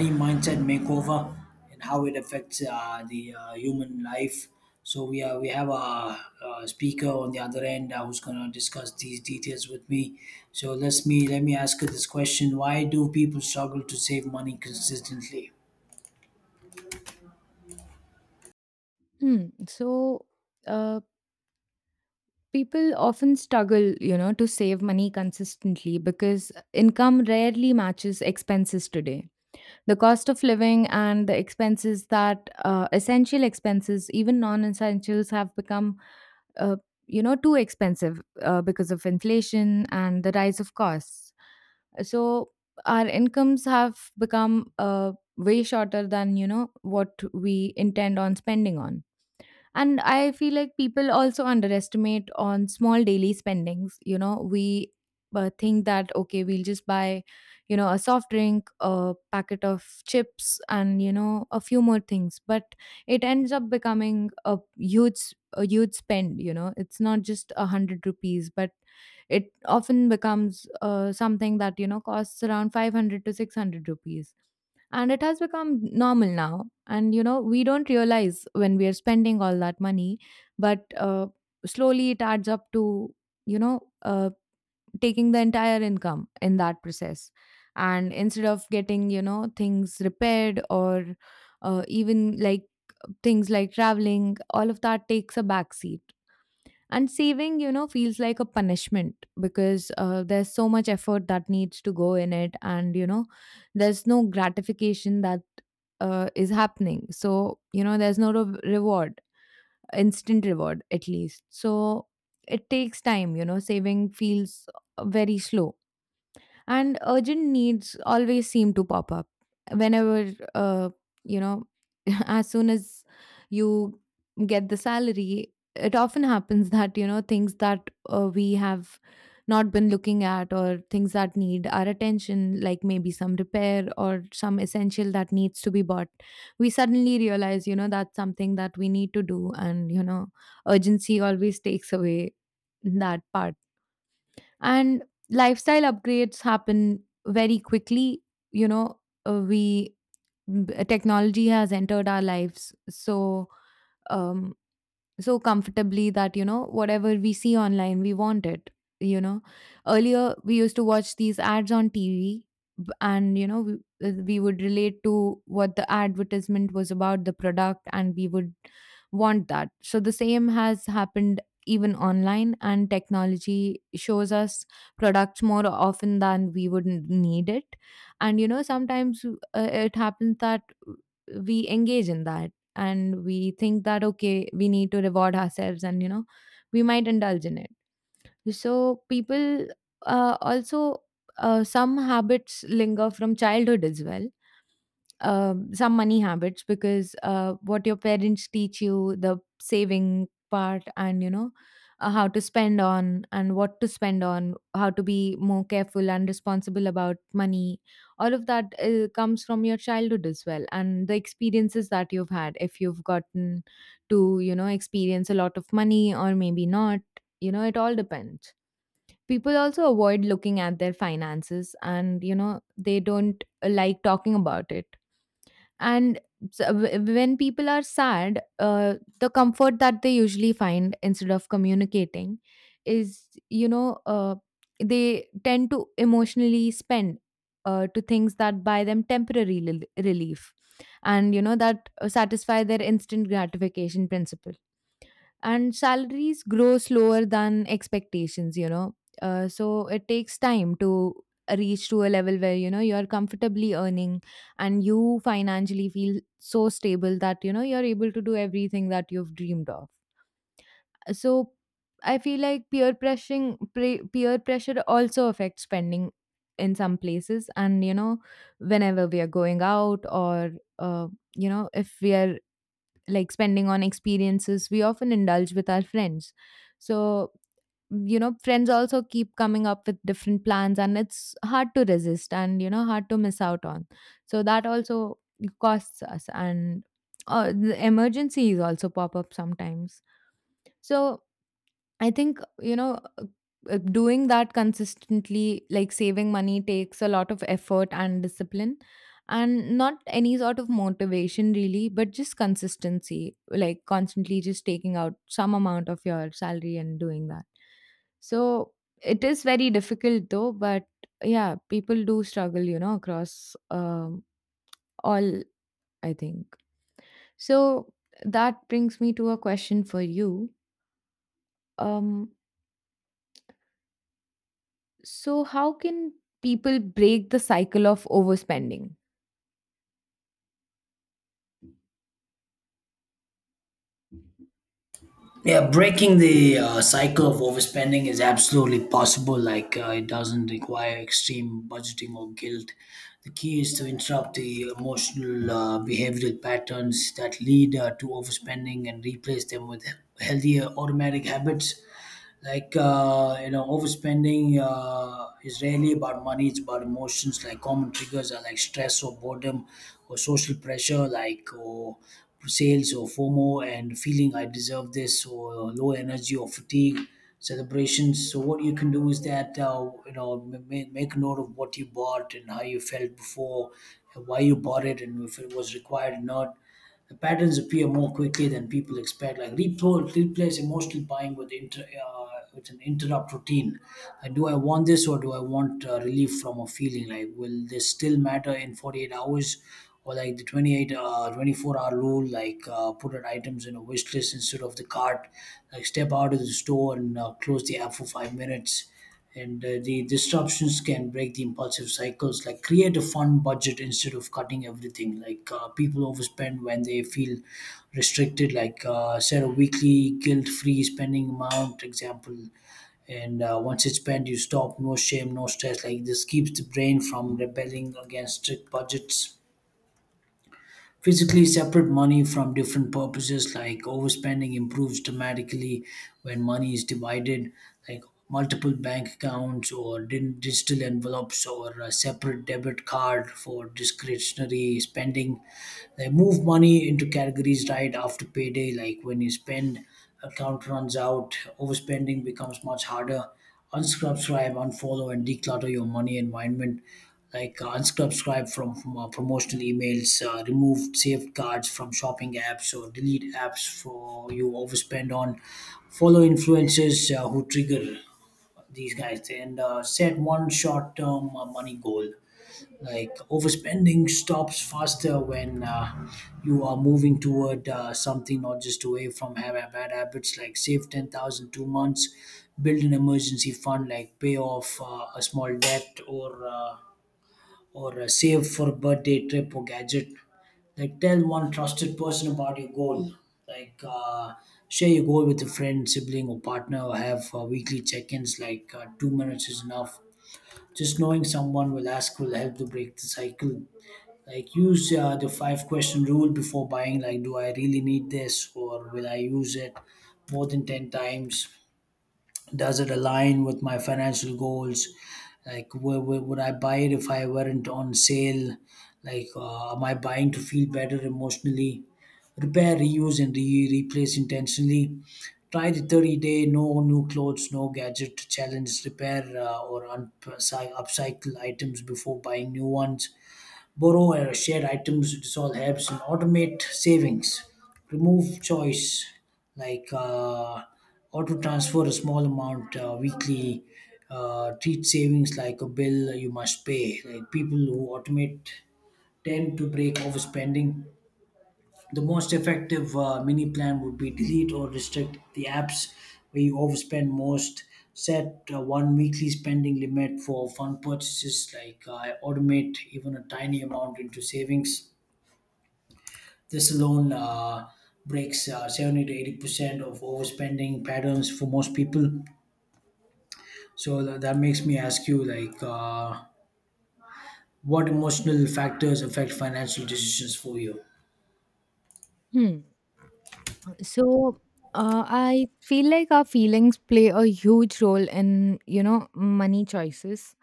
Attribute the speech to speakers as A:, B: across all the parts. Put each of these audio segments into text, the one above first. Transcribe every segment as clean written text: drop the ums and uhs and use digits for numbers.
A: Money mindset makeover and how it affects the human life. We have a speaker on the other end who's going to discuss these details with me. Let me ask her this question: Why do people struggle to save money consistently?
B: Hmm. So, uh, people often struggle, to save money consistently because income rarely matches expenses today. The cost of living and the expenses that essential expenses, even non essentials, have become, uh, too expensive because of inflation and the rise of costs. So, our incomes have become way shorter than, what we intend on spending on. And I feel like people also underestimate on small daily spendings. We think that, okay, we'll just buy a soft drink, a packet of chips, and a few more things, but it ends up becoming a huge spend. It's not just 100 rupees, but it often becomes something that costs around 500 to 600 rupees, and it has become normal now. And we don't realize when we are spending all that money. But slowly it adds up to, you know uh, taking the entire income in that process. And instead of getting things repaired, or even like things like traveling, all of that takes a backseat. And saving feels like a punishment because there's so much effort that needs to go in it, and there's no gratification that is happening. So there's no reward, instant reward, at least. So it takes time. Saving feels very slow, and urgent needs always seem to pop up whenever you know as soon as you get the salary. It often happens that things that we have not been looking at, or things that need our attention, like maybe some repair or some essential that needs to be bought, we suddenly realize, that's something that we need to do. And urgency always takes away that part. And lifestyle upgrades happen very quickly. You know uh, we m- technology has entered our lives um so comfortably that whatever we see online, we want it. You know earlier we used to watch these ads on TV. And we would relate to what the advertisement was about, the product, and we would want that. So the same has happened even online, and technology shows us products more often than we would need it. And sometimes it happens that we engage in that, and we think that, okay, we need to reward ourselves, and we might indulge in it. So people, also, some habits linger from childhood as well. Some money habits, because what your parents teach you, the saving part, and how to spend on and what to spend on, how to be more careful and responsible about money, all of that comes from your childhood as well, and the experiences that you've had. If you've gotten to experience a lot of money, or maybe not, it all depends. People also avoid looking at their finances, and they don't like talking about it. And when people are sad, the comfort that they usually find instead of communicating is they tend to emotionally spend, to things that buy them temporary relief. And that satisfy their instant gratification principle. And salaries grow slower than expectations. So it takes time to reach to a level where you are comfortably earning, and you financially feel so stable that you're able to do everything that you've dreamed of. So I feel like peer pressure also affects spending in some places. And whenever we are going out, or uh, if we are like spending on experiences, we often indulge with our friends. So, friends also keep coming up with different plans, and it's hard to resist, and, hard to miss out on. So that also costs us, and the emergencies also pop up sometimes. So I think, doing that consistently, like saving money, takes a lot of effort and discipline, and not any sort of motivation really, but just consistency, like constantly just taking out some amount of your salary and doing that. So it is very difficult, though, but yeah, people do struggle, across all, I think. So that brings me to a question for you. Um, So, how can people break the cycle of overspending?
A: Yeah, breaking the cycle of overspending is absolutely possible. Like, it doesn't require extreme budgeting or guilt. The key is to interrupt the emotional behavioral patterns that lead to overspending and replace them with healthier automatic habits. Like you know, overspending is rarely about money, it's about emotions. Like, common triggers are like stress or boredom or social pressure, like, or sales or fomo and feeling I deserve this, or low energy or fatigue celebrations. So what you can do is that you know, make a note of what you bought and how you felt before and why you bought it and if it was required or not. Patterns appear more quickly than people expect. Like, replace emotional buying with with an interrupt routine. Like, do I want this or do I want relief from a feeling? Like, will this still matter in 48 hours? Or like the 28, 24-hour rule. Like put an items in a wish list instead of the cart, like step out of the store and close the app for 5 minutes. And the disruptions can break the impulsive cycles. Like, create a fund budget instead of cutting everything. Like people overspend when they feel restricted. Like set a weekly guilt-free spending amount example, and once it's spent you stop, no shame, no stress. Like, this keeps the brain from rebelling against strict budgets. Physically separate money from different purposes, like overspending improves dramatically when money is divided, like multiple bank accounts or digital envelopes or a separate debit card for discretionary spending. They move money into categories right after payday, like when you spend, account runs out, overspending becomes much harder. Unsubscribe, unfollow, and declutter your money environment. Like unsubscribe from promotional emails, remove saved cards from shopping apps, or delete apps for you overspend on. Follow influencers who trigger these guys, and set one short-term money goal. Like, overspending stops faster when you are moving toward something, not just away from bad habits. Like, save 10,000 two months, build an emergency fund, like pay off a small debt, or save for a birthday trip or gadget. Like, tell one trusted person about your goal. Like share your goal with a friend, sibling, or partner, or have weekly check-ins. Like 2 minutes is enough. Just knowing someone will ask will help to break the cycle. Like use the five question rule before buying. Like, do I really need this, or will I use it more than 10 times? Does it align with my financial goals? Like, where would I buy it if I weren't on sale? Like am I buying to feel better emotionally? Repair, reuse, and replace intentionally. Try the 30-day no new clothes, no gadget challenge. Repair or upcycle items before buying new ones. Borrow shared items. This all helps. And automate savings, remove choice. Like auto transfer a small amount weekly. Treat savings like a bill you must pay. Like, people who automate tend to break overspending. The most effective mini plan would be: delete or restrict the apps where you overspend most. Set one weekly spending limit for fun purchases, like automate even a tiny amount into savings. This alone breaks 70 to 80% of overspending patterns for most people. So that makes me ask you, like, what emotional factors affect financial decisions for you?
B: Hmm. So, I feel like our feelings play a huge role in, money choices,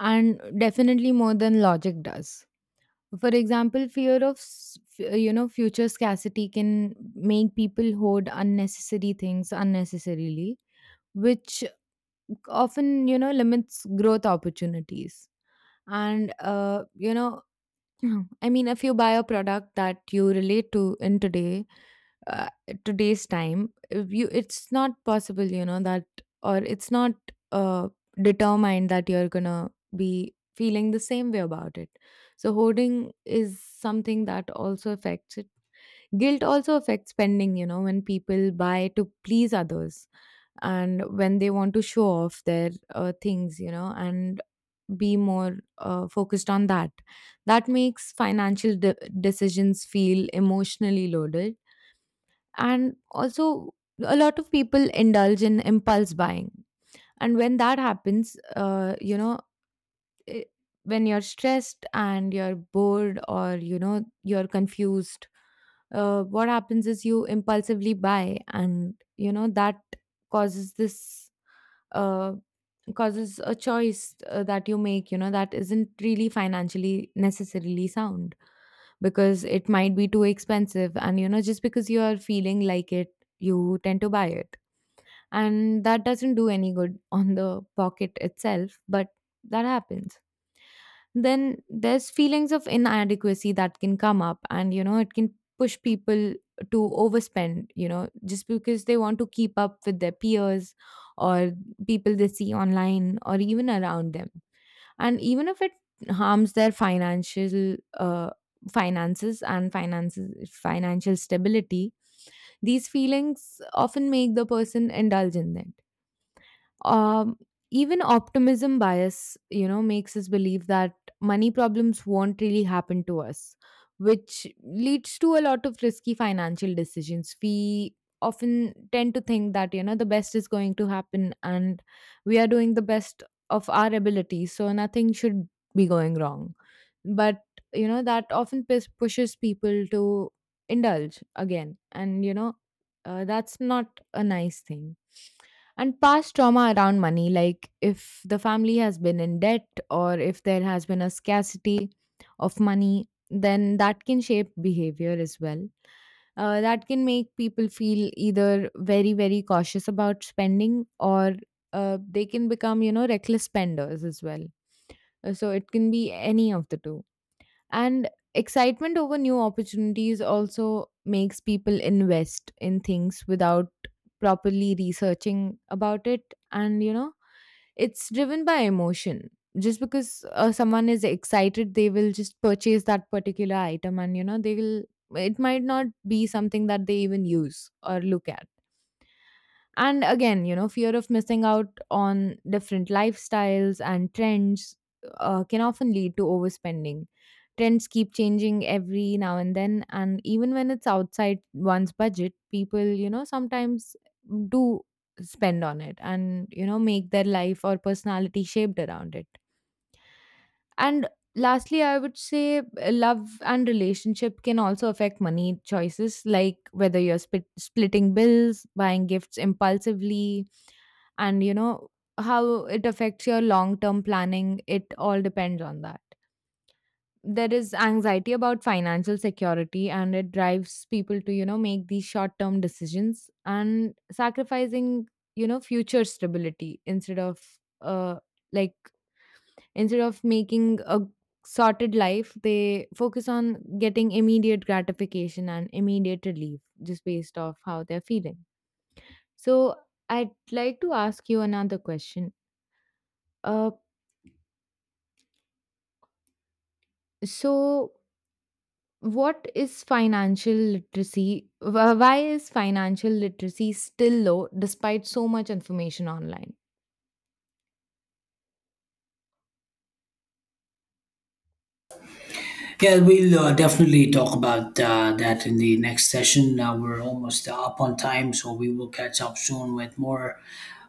B: and definitely more than logic does. For example, fear of, future scarcity can make people hoard unnecessary things unnecessarily, which often, limits growth opportunities. And no, I mean, if you buy a product that you relate to in uh, today's time, if you it's not possible, that, or it's not uh, determined that you're gonna be feeling the same way about it. So hoarding is something that also affects it. Guilt also affects spending, when people buy to please others, and when they want to show off their things, and be more focused on that. That makes financial decisions feel emotionally loaded. And also, a lot of people indulge in impulse buying. And when that happens, i- when you're stressed and you're bored, or, you're confused, what happens is you impulsively buy, and, that causes this. uh, because it's a choice that you make. That isn't really financially necessarily sound, because it might be too expensive. And just because you are feeling like it, you tend to buy it, and that doesn't do any good on the pocket itself. But that happens. Then there's feelings of inadequacy that can come up, and it can push people to overspend, just because they want to keep up with their peers, or people they see online or even around them. And even if it harms their financial finances and finances financial stability. These feelings often make the person indulge in them. Um, even optimism bias makes us believe that money problems won't really happen to us, which leads to a lot of risky financial decisions. We often tend to think that the best is going to happen, and we are doing the best of our ability, so nothing should be going wrong. But that often pushes people to indulge again. And that's not a nice thing. And past trauma around money, like if the family has been in debt, or if there has been a scarcity of money, then that can shape behavior as well. That can make people feel either very, very cautious about spending, or they can become, reckless spenders as well. So it can be any of the two. And excitement over new opportunities also makes people invest in things without properly researching about it, and it's driven by emotion. Just because someone is excited, they will just purchase that particular item, and you know they will it might not be something that they even use or look at. And again, fear of missing out on different lifestyles and trends can often lead to overspending. Trends keep changing every now and then, and even when it's outside one's budget, people sometimes do spend on it, and make their life or personality shaped around it. And lastly, I would say, love and relationship can also affect money choices, like whether you're splitting bills, buying gifts impulsively, and how it affects your long term planning. It all depends on that. There is anxiety about financial security, and it drives people to, make these short term decisions, and sacrificing, future stability, instead of uh, like, instead of making a sorted life, they focus on getting immediate gratification and immediate relief, just based off how they're feeling. So, I'd like to ask you another question. Uh, so, what is financial literacy? Why is financial literacy still low despite so much information online?
A: Yeah, we'll definitely talk about that in the next session. We're almost up on time, so we will catch up soon with more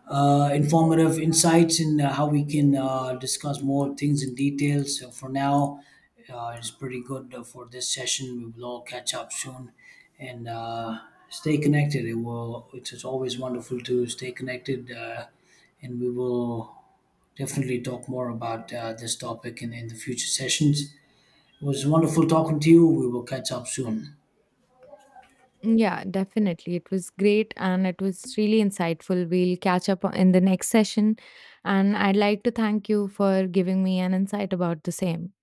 A: informative insights and how we can discuss more things in detail. So for now, it's pretty good for this session. We will all catch up soon and stay connected. It will. It's always wonderful to stay connected, and we will definitely talk more about this topic in the future sessions. It was wonderful talking to you. We will catch up soon.
B: Yeah, definitely. It was great, and it was really insightful. We'll catch up in the next session. And I'd like to thank you for giving me an insight about the same.